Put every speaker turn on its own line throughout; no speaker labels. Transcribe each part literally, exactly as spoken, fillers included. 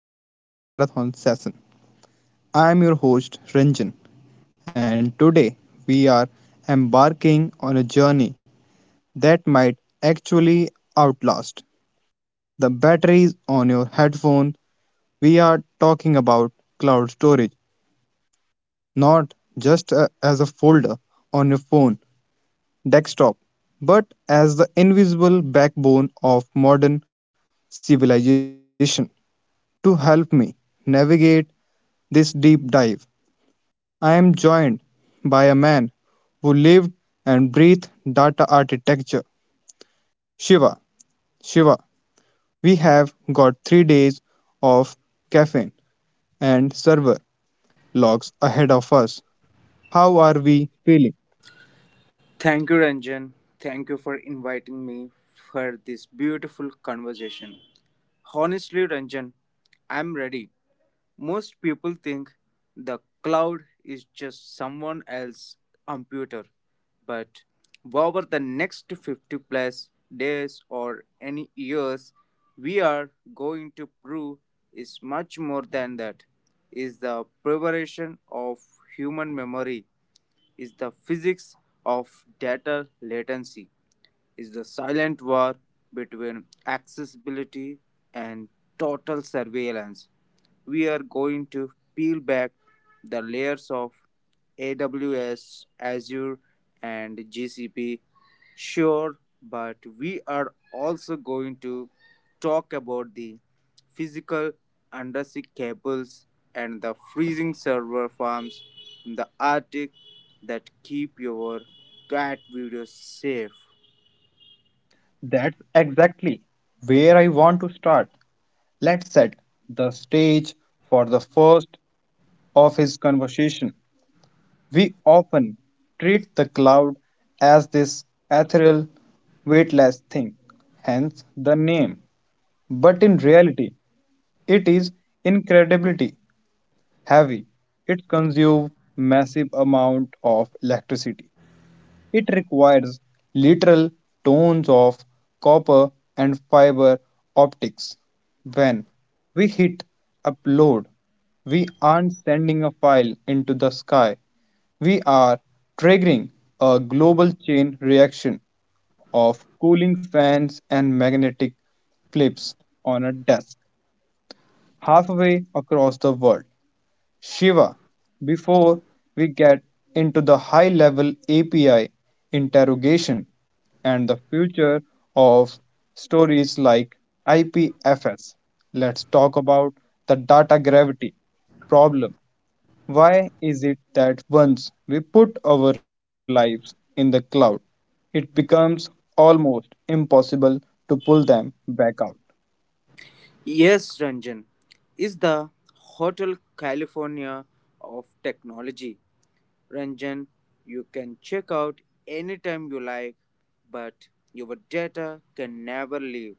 back to the marathon session. I am your host Ranjan, and today we are embarking on a journey that might actually outlast the batteries on your headphone. We are talking about cloud storage, not just uh, as a folder on your phone desktop, but as the invisible backbone of modern civilization. To help me navigate this deep dive, I am joined by a man who lived and breathed data architecture, Shiva. Shiva, we have got three days of caffeine and server logs ahead of us. How are we feeling?
Thank you, Ranjan. Thank you for inviting me for this beautiful conversation. Honestly, Ranjan, I'm ready. Most people think the cloud is just someone else's computer, but over the next fifty plus days or any years, we are going to prove is much more than that is the preparation of human memory is the physics of data latency is the silent war between accessibility and total surveillance. We are going to peel back the layers of A W S, Azure, and G C P. Sure, but we are also going to talk about the physical undersea cables and the freezing server farms in the Arctic that keep your cat videos safe.
That's exactly where I want to start. Let's set the stage for the first of his conversation. We often treat the cloud as this ethereal, weightless thing, hence the name. But in reality, it is incredibly heavy. It consumes massive amount of electricity. It requires literal tons of copper and fiber optics. When we hit upload, we aren't sending a file into the sky. We are triggering a global chain reaction of cooling fans and magnetic flips on a desk halfway across the world. Shiva, before we get into the high level A P I interrogation and the future of stories like I P F S, let's talk about the data gravity problem. Why is it that once we put our lives in the cloud, it becomes almost impossible to pull them back out?
Yes, Ranjan is the Hotel California of technology. Ranjan, you can check out anytime you like, but your data can never leave,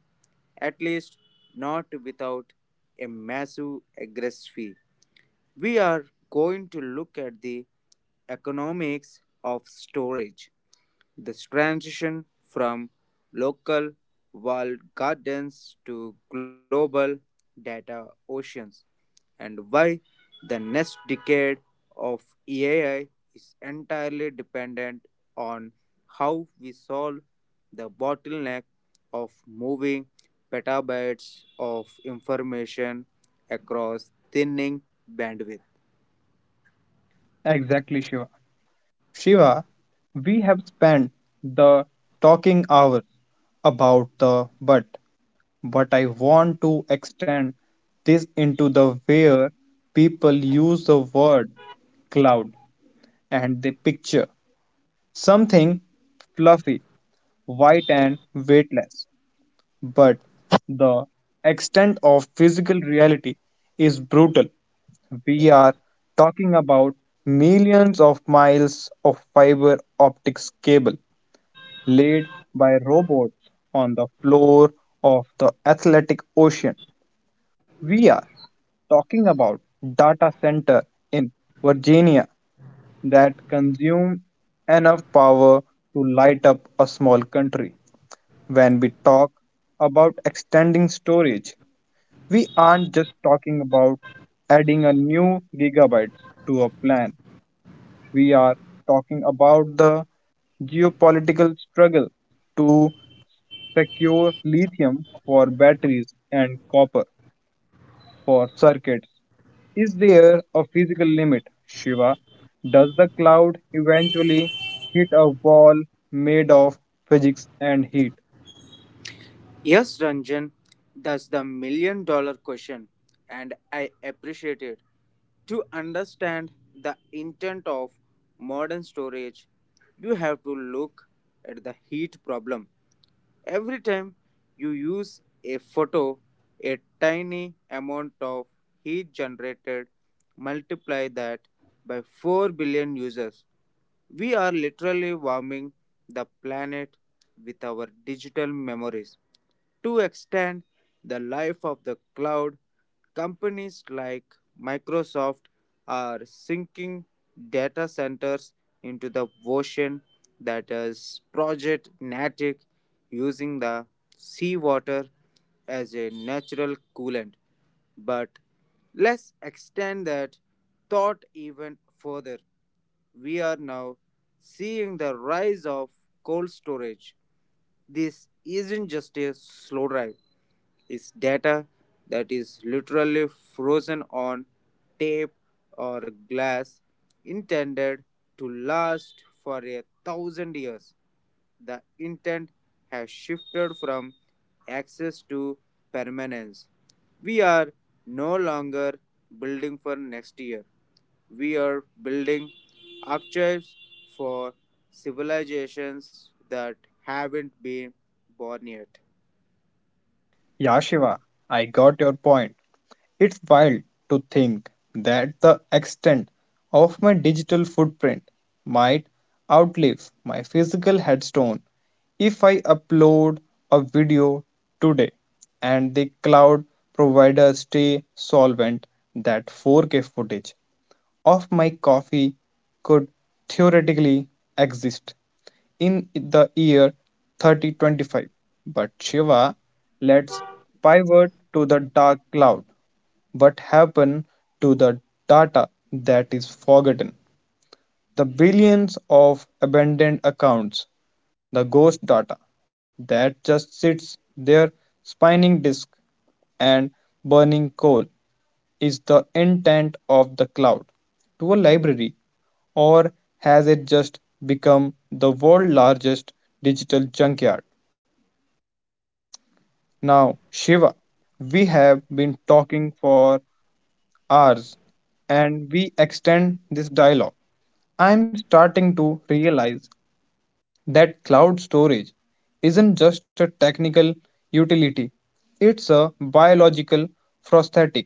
at least not without a massive egress fee. We are going to look at the economics of storage this transition from local walled gardens to global data oceans and why the next decade of A I is entirely dependent on how we solve the bottleneck of moving petabytes of information across thinning bandwidth.
Exactly, Shiva. Shiva, we have spent the talking hours about the but, but I want to extend this into the where people use the word cloud and they picture something fluffy, white, and weightless. But the extent of physical reality is brutal. We are talking about millions of miles of fiber optics cable laid by robots on the floor of the Atlantic Ocean. We are talking about data center in Virginia that consume enough power to light up a small country. When we talk about extending storage, we aren't just talking about adding a new gigabytes to a plan. We are talking about the geopolitical struggle to secure lithium for batteries and copper for circuits. Is there a physical limit, Shiva? Does the cloud eventually hit a wall made of physics and heat?
Yes, Ranjan, that's the million dollar question, and I appreciate it. To understand the intent of modern storage, you have to look at the heat problem. Every time you use a photo, a tiny amount of heat generated, multiply that by four billion users. We are literally warming the planet with our digital memories. To extend the life of the cloud, companies like Microsoft are sinking data centers into the ocean that is Project Natic using the seawater as a natural coolant. But let's extend that thought even further. We are now seeing the rise of cold storage. This isn't just a slow drive, is data that is literally frozen on tape or glass intended to last for a thousand years. The intent has shifted from access to permanence. We are no longer building for next year. We are building archives for civilizations that haven't been born yet.
Yeah, Shiva, I got your point. It's wild to think that the extent of my digital footprint might outlive my physical headstone. If I upload a video today and the cloud providers stay solvent, that four K footage of my coffee could theoretically exist in the year thirty twenty-five. But Shiva, let's pivot to the dark cloud. What happened to the data that is forgotten? The billions of abandoned accounts, the ghost data that just sits there spinning disk and burning coal, is the intent of the cloud to a library, or has it just become the world's largest digital junkyard? Now, Shiva, we have been talking for hours and we extend this dialogue. I am starting to realize that cloud storage isn't just a technical utility, it's a biological prosthetic.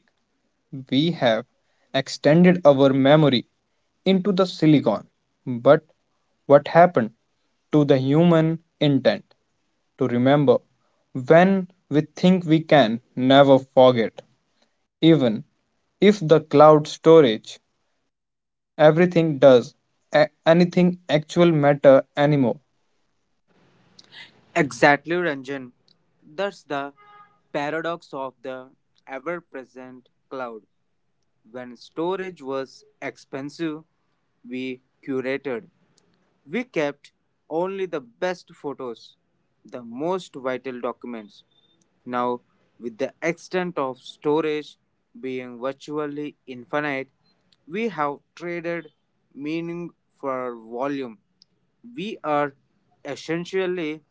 We have extended our memory into the silicon. But what happened to the human intent to remember when we think we can never forget? Even if the cloud storage, everything does a- anything actual matter anymore?
Exactly, Ranjan. That's the paradox of the ever present cloud. When storage was expensive, we curated. We kept only the best photos, the most vital documents. Now, with the extent of storage being virtually infinite, we have traded meaning for volume. We are essentially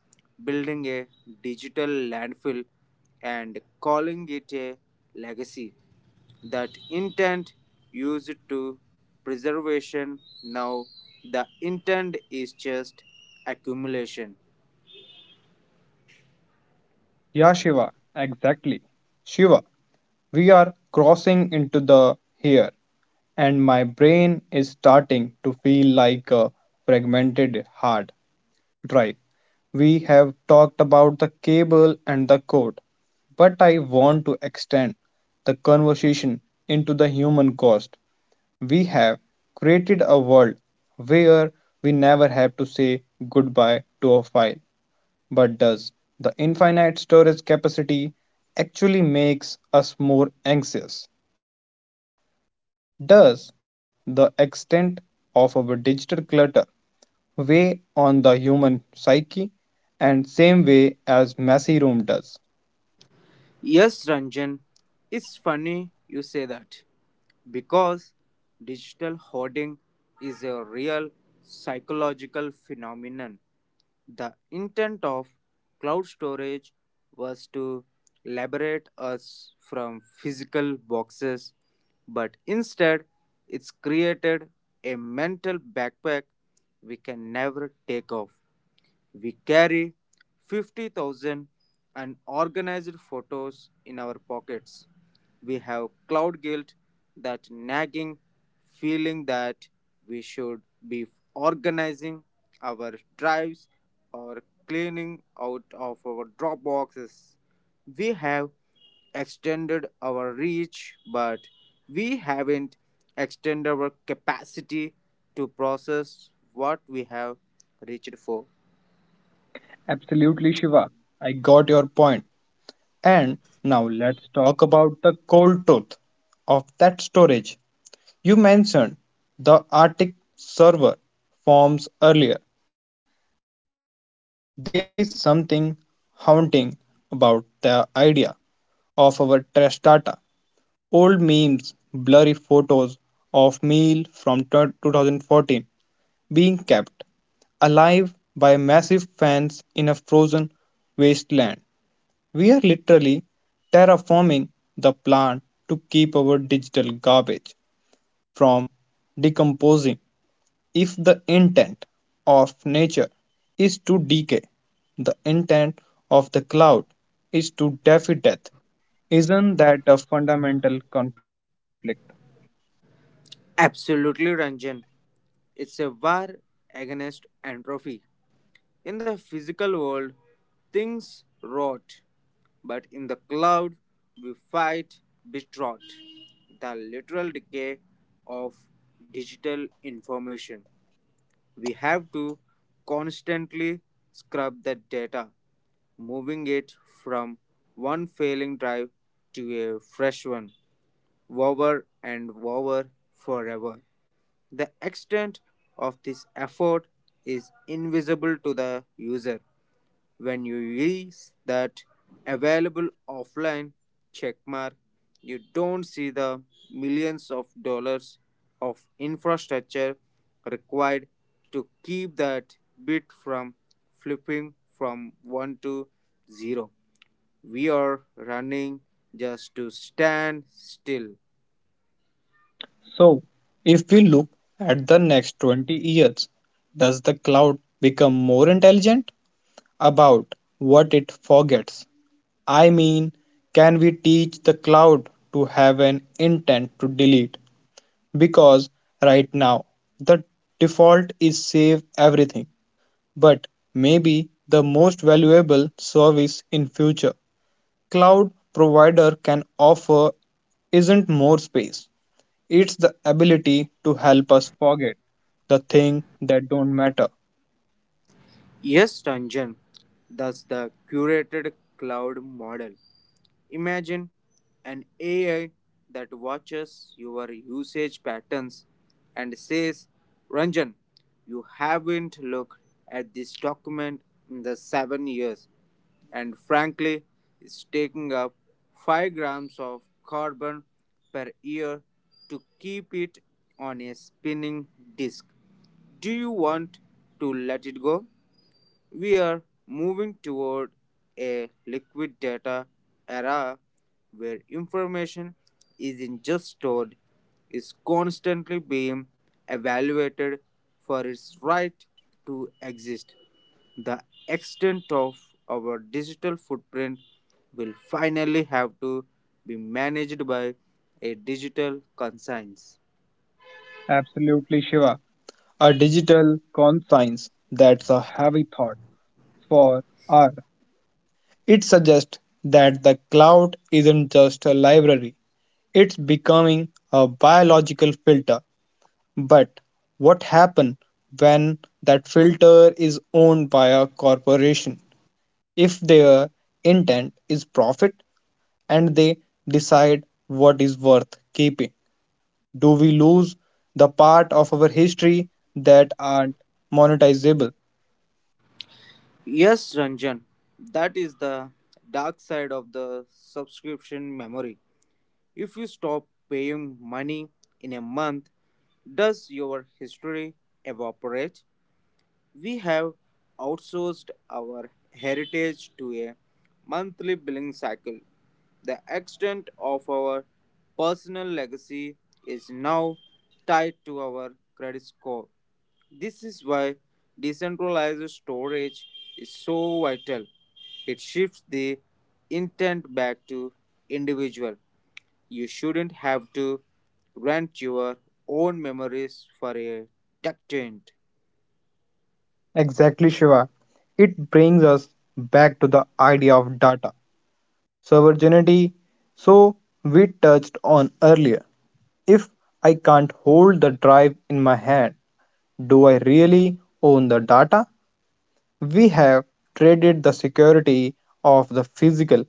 building a digital landfill and calling it a legacy. That intent used to preservation now the intent is just accumulation.
Yeah, Shiva, exactly. Shiva, we are crossing into the here, and my brain is starting to feel like a fragmented hard drive. We have talked about the cable and the code, but I want to extend the conversation into the human cost. We have created a world where we never have to say goodbye to a file. But does the infinite storage capacity actually makes us more anxious? Does the extent of our digital clutter weigh on the human psyche and same way as messy room does?
Yes, Ranjan, it's funny you say that because digital hoarding is a real psychological phenomenon. The intent of cloud storage was to liberate us from physical boxes, but instead, it's created a mental backpack we can never take off. We carry fifty thousand unorganized photos in our pockets. We have cloud guilt, that nagging feeling that we should be organizing our drives or cleaning out of our drop boxes. We have extended our reach, but we haven't extended our capacity to process what we have reached for.
Absolutely Shiva, I got your point. And now let's talk about the cold truth of that storage. You mentioned the Arctic server forms earlier. There is something haunting about the idea of our trash data. Old memes, blurry photos of meal from twenty fourteen being kept alive by massive fans in a frozen wasteland. We are literally terraforming the plant to keep our digital garbage from decomposing. If the intent of nature is to decay, the intent of the cloud is to defy death. Isn't that a fundamental conflict?
Absolutely, Ranjan. It's a war against entropy. In the physical world, things rot, but in the cloud, we fight betrot, the literal decay of digital information. We have to constantly scrub the data, moving it from one failing drive to a fresh one, over and over forever. The extent of this effort is invisible to the user when you use that available offline checkmark, you don't see the millions of dollars of infrastructure required to keep that bit from flipping from one to zero. We are running just to stand still.
So, if we look at the next twenty years, does the cloud become more intelligent about what it forgets? I mean, can we teach the cloud to have an intent to delete? Because right now, the default is save everything. But may be the most valuable service in future cloud provider can offer isn't more space, it's the ability to help us forget the thing that don't matter.
Yes, Tanjan, that's the curated cloud model. Imagine an A I that watches your usage patterns and says, Ranjan, you haven't looked at this document in the seven years, and frankly, it's taking up five grams of carbon per year to keep it on a spinning disk. Do you want to let it go? We are moving toward a liquid data era where information isn't just stored, is constantly being evaluated for its right to exist. The extent of our digital footprint will finally have to be managed by a digital conscience.
Absolutely Shiva, a digital conscience, that's a heavy thought for our. It suggests that the cloud isn't just a library, it's becoming a biological filter. But what happens when that filter is owned by a corporation? If their intent is profit and they decide what is worth keeping, do we lose the part of our history that aren't monetizable?
Yes, Ranjan, that is the dark side of the subscription memory. If you stop paying money in a month, does your history evaporate? We have outsourced our heritage to a monthly billing cycle. The extent of our personal legacy is now tied to our credit score. This is why decentralized storage is so vital. It shifts the intent back to individual you shouldn't have to rent your own memories for a tech.
Exactly, Shiva. It brings us back to the idea of data sovereignty, so we touched on earlier. If I can't hold the drive in my hand, do I really own the data? We have traded the security of the physical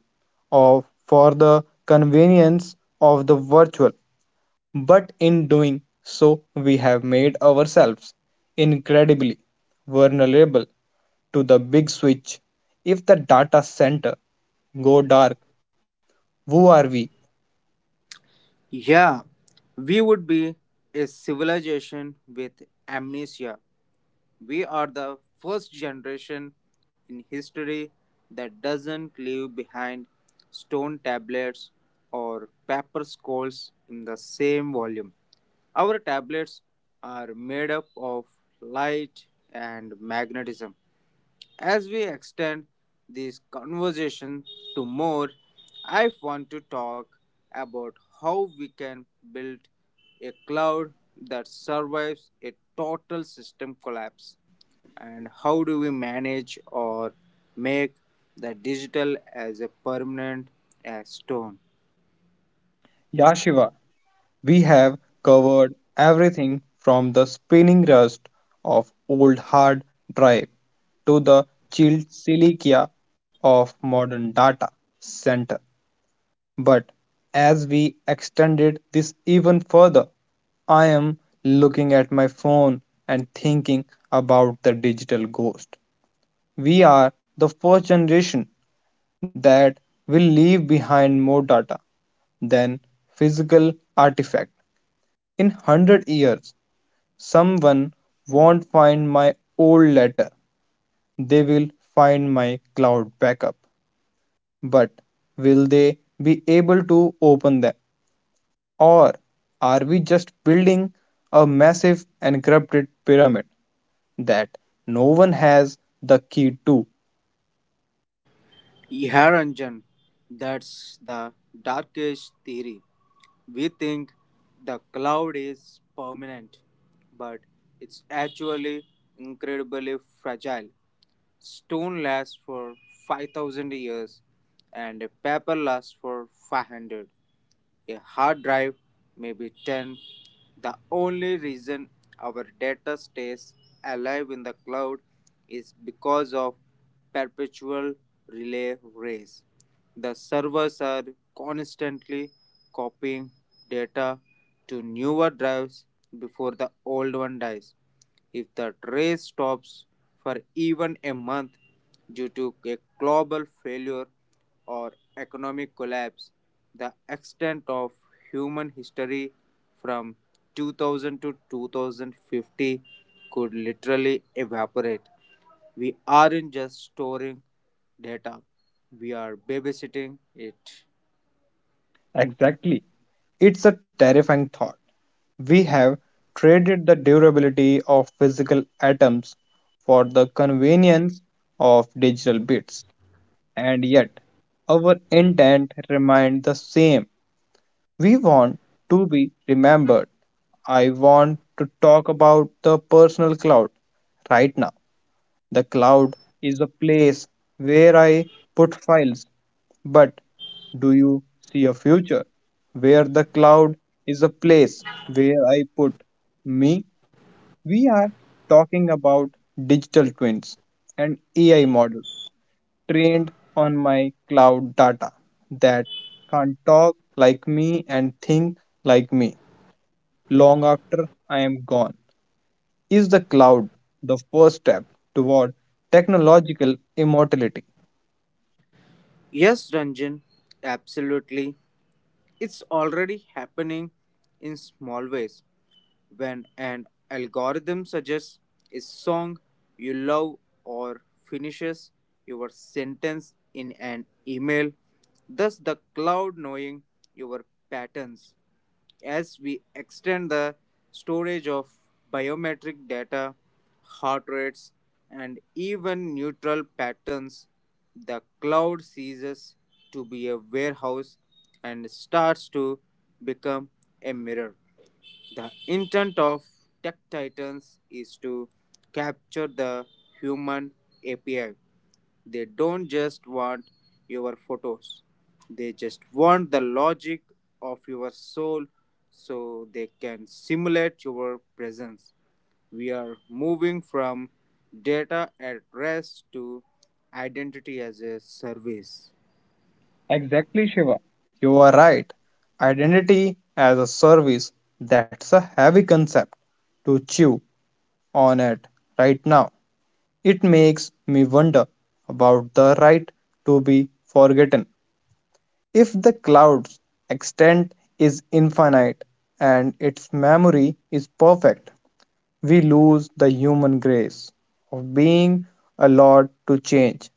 of for the convenience of the virtual. But in doing so, we have made ourselves incredibly vulnerable to the big switch. If the data center go dark, who are we?
Yeah, we would be a civilization with amnesia. We are the first generation in history that doesn't leave behind stone tablets or paper scrolls in the same volume. Our tablets are made up of light and magnetism. As we extend this conversation to more, I want to talk about how we can build a cloud that survives a total system collapse and how do we manage or make the digital as a permanent as stone.
Yashiva, we have covered everything from the spinning rust of old hard drive to the chilled silica of modern data center. But as we extended this even further, I am looking at my phone and thinking about the digital ghost. We are the first generation that will leave behind more data than physical artifact. In hundred years, someone won't find my old letter. They will find my cloud backup. But will they be able to open them? Or are we just building a massive encrypted pyramid that no one has the key to?
Yeah, Ranjan, that's the darkest theory. We think the cloud is permanent, but it's actually incredibly fragile. Stone lasts for five thousand years and paper lasts for five hundred. A hard drive may be ten. The only reason our data stays alive in the cloud is because of perpetual relay race. The servers are constantly copying data to newer drives before the old one dies. If the trace stops for even a month due to a global failure or economic collapse, the extent of human history from two thousand to two thousand fifty could literally evaporate. We aren't just storing data, we are babysitting it.
Exactly. It's a terrifying thought. We have traded the durability of physical atoms for the convenience of digital bits. And yet our intent remained the same. We want to be remembered. I want to talk about the personal cloud right now. The cloud is a place where I put files, but do you see a future where the cloud is a place where I put me? We are talking about digital twins and A I models trained on my cloud data that can talk like me and think like me long after I am gone. Is the cloud the first step toward technological immortality?
Yes, Ranjan, absolutely. It's already happening in small ways. When an algorithm suggests a song you love or finishes your sentence in an email, thus, the cloud knowing your patterns. As we extend the storage of biometric data, heart rates, and even neutral patterns, the cloud ceases to be a warehouse and starts to become a mirror. The intent of Tech Titans is to capture the human A P I. They don't just want your photos, they just want the logic of your soul so they can simulate your presence. We are moving from data at rest to identity as a service.
Exactly, Shiva. You are right. Identity as a service, that's a heavy concept to chew on it right now. It makes me wonder about the right to be forgotten. If the cloud's extent is infinite and its memory is perfect, we lose the human grace of being allowed to change.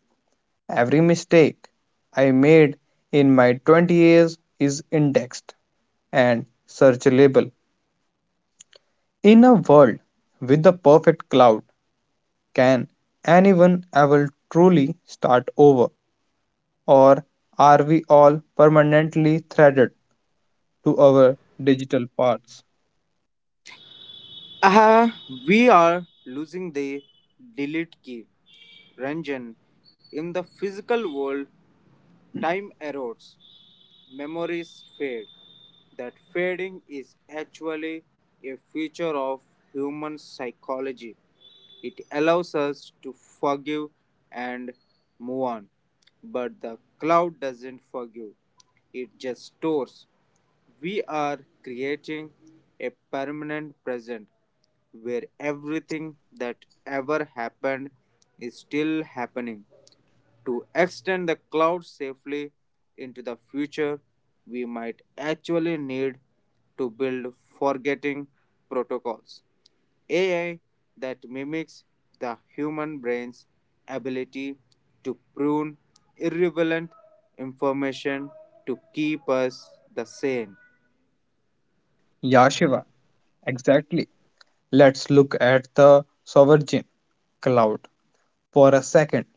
Every mistake I made in my twenty years is indexed and searchable. In a world with a perfect cloud, can anyone ever truly start over? Or are we all permanently threaded to our digital parts.
Ah, we are losing the delete key Ranjan, in the physical world, time erodes memories fade. That fading is actually a feature of human psychology. It allows us to forgive and move on. But the cloud doesn't forgive, it just stores. We are creating a permanent present where everything that ever happened is still happening to extend the cloud safely into the future, we might actually need to build forgetting protocols. A I that mimics the human brain's ability to prune irrelevant information to keep us the sane.
Yeah, Shiva, exactly. Let's look at the sovereign cloud for a second.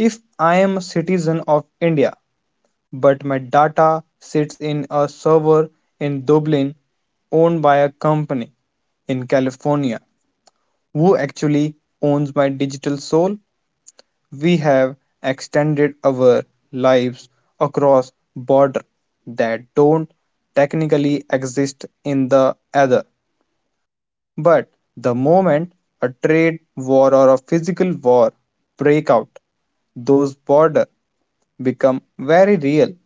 If I am a citizen of India, but my data sits in a server in Dublin owned by a company in California, who actually owns my digital soul? We have extended our lives across borders that don't technically exist in the other. But the moment a trade war or a physical war break out, those borders become very real.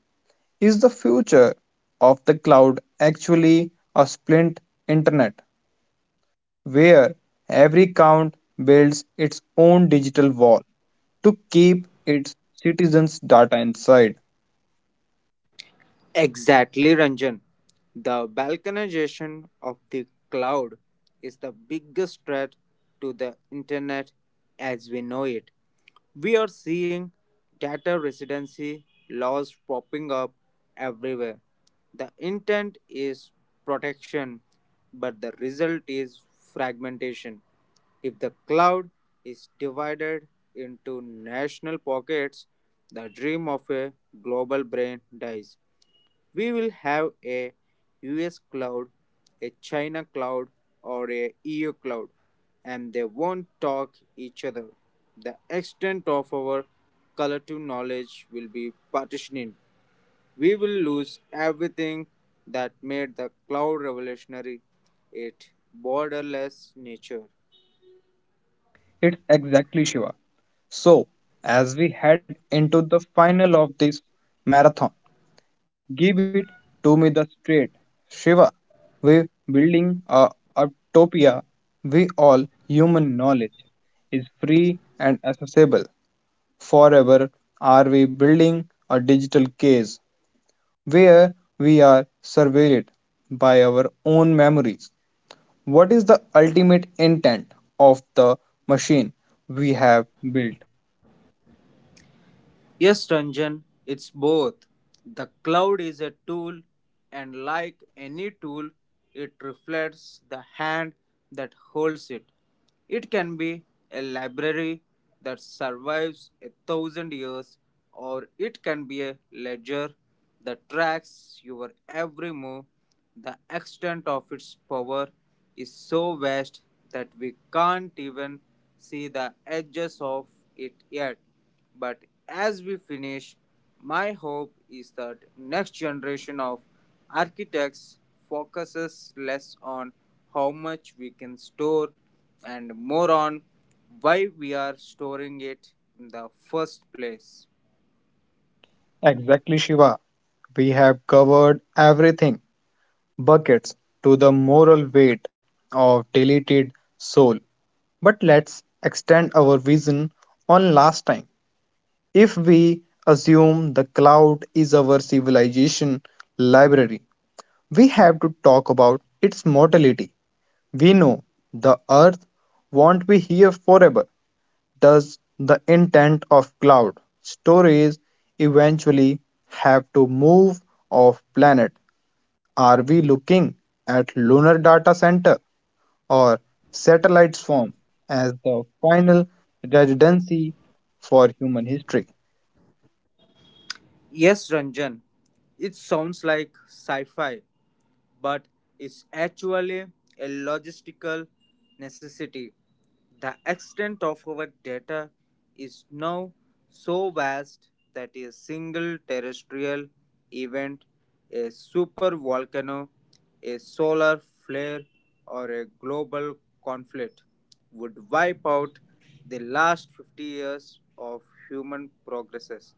Is the future of the cloud actually a split internet where every count builds its own digital wall to keep its citizens' data inside.
Exactly, Ranjan. The balkanization of the cloud is the biggest threat to the internet as we know it. We are seeing data residency laws popping up everywhere. The intent is protection, but the result is fragmentation. If the cloud is divided into national pockets, the dream of a global brain dies. We will have a U S cloud, a China cloud, or a E U cloud, and they won't talk each other. The extent of our collective knowledge will be partitioned. We will lose everything that made the cloud revolutionary, its borderless nature.
It's exactly Shiva. So, as we head into the final of this marathon, give it to me the straight. Shiva, we're building a utopia we all human knowledge is free and accessible. Forever, are we building a digital case where we are surveilled by our own memories. What is the ultimate intent of the machine we have built?
Yes, Ranjan, it's both. The cloud is a tool, and like any tool, it reflects the hand that holds it. It can be a library that survives a thousand years, or it can be a ledger that tracks your every move. The extent of its power is so vast that we can't even see the edges of it yet. But as we finish, my hope is that next generation of architects focuses less on how much we can store and more on why we are storing it in the first place.
Exactly, Shiva. We have covered everything buckets to the moral weight of deleted soul. But let's extend our vision on last time. If we assume the cloud is our civilization library, we have to talk about its mortality. We know the earth won't be here forever, thus, the intent of cloud storage eventually have to move off planet. Are we looking at lunar data center or satellites form as the final residency for human history?
Yes, Ranjan, it sounds like sci fi, but it's actually a logistical necessity. The extent of our data is now so vast that a single terrestrial event, a supervolcano, a solar flare, or a global conflict would wipe out the last fifty years of human progresses.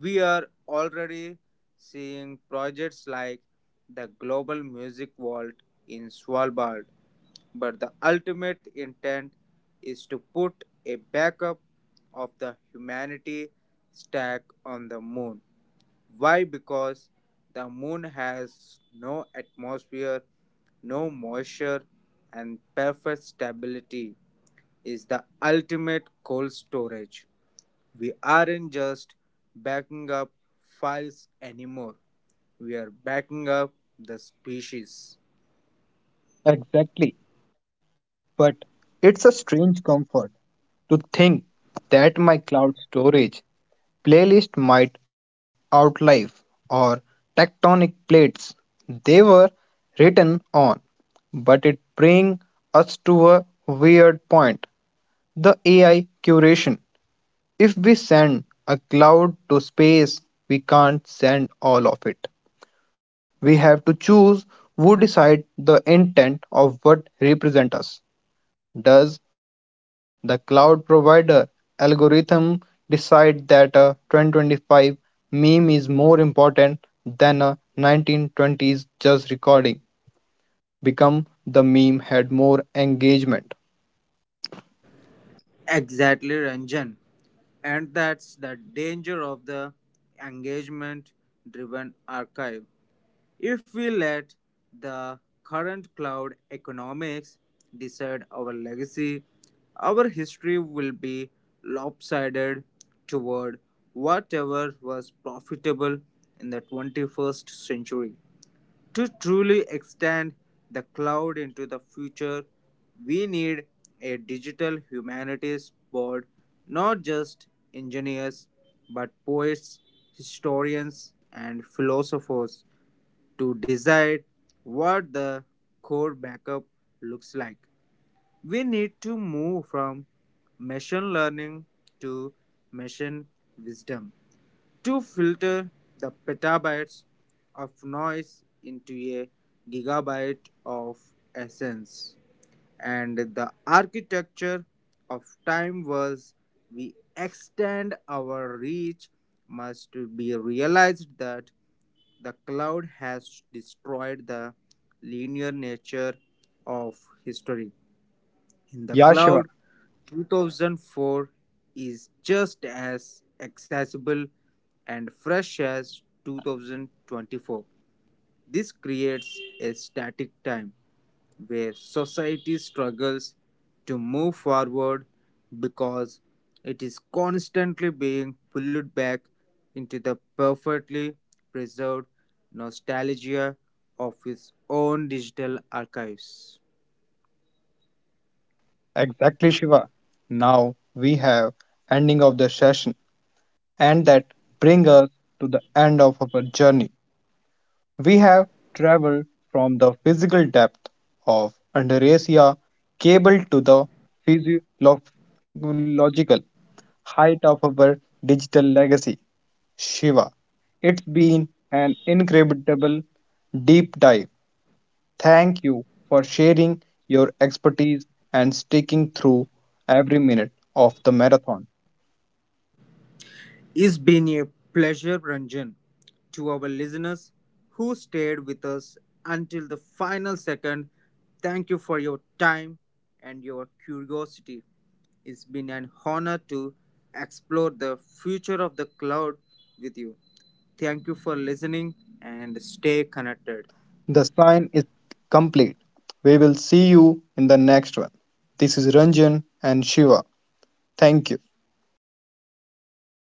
We are already seeing projects like the Global Music Vault in Svalbard, but the ultimate intent is to put a backup of the humanity stack on the moon. Why? Because the moon has no atmosphere, no moisture, and perfect stability is the ultimate cold storage. We aren't just backing up files anymore, we are backing up the species.
Exactly. But it's a strange comfort to think that my cloud storage playlist might outlive or tectonic plates they were written on. But it brings us to a weird point, the A I curation. If we send a cloud to space, we can't send all of it. We have to choose who decide the intent of what represents us. Does the cloud provider algorithm decide that a twenty twenty-five meme is more important than a nineteen twenties jazz recording? Become the meme had more engagement.
Exactly, Ranjan. And that's the danger of the engagement driven archive. If we let the current cloud economics decide our legacy, our history will be lopsided toward whatever was profitable in the twenty-first century. To truly extend the cloud into the future, we need a digital humanities board, not just engineers, but poets, historians, and philosophers to decide what the core backup looks like. We need to move from machine learning to machine wisdom to filter the petabytes of noise into a gigabyte of essence. And the architecture of time was we extend our reach must be realized that the cloud has destroyed the linear nature of history in the
Yeah,
cloud
Shiva,
two thousand four is just as accessible and fresh as two thousand twenty-four this creates a static time where society struggles to move forward because it is constantly being pulled back into the perfectly preserved nostalgia of its own digital archives.
exactly, Shiva. Now we have ending of the session, and that bring us to the end of our journey. We have traveled from the physical depth of Andarasia cable to the physiological height of our digital legacy, Shiva. It's been an incredible deep dive. Thank you for sharing your expertise and sticking through every minute of the marathon.
It's been a pleasure, Ranjan, to our listeners who stayed with us until the final second. Thank you for your time and your curiosity. It's been an honor to explore the future of the cloud with you. Thank you for listening and stay connected.
The sign is complete. We will see you in the next one. This is Ranjan and Shiva. Thank you.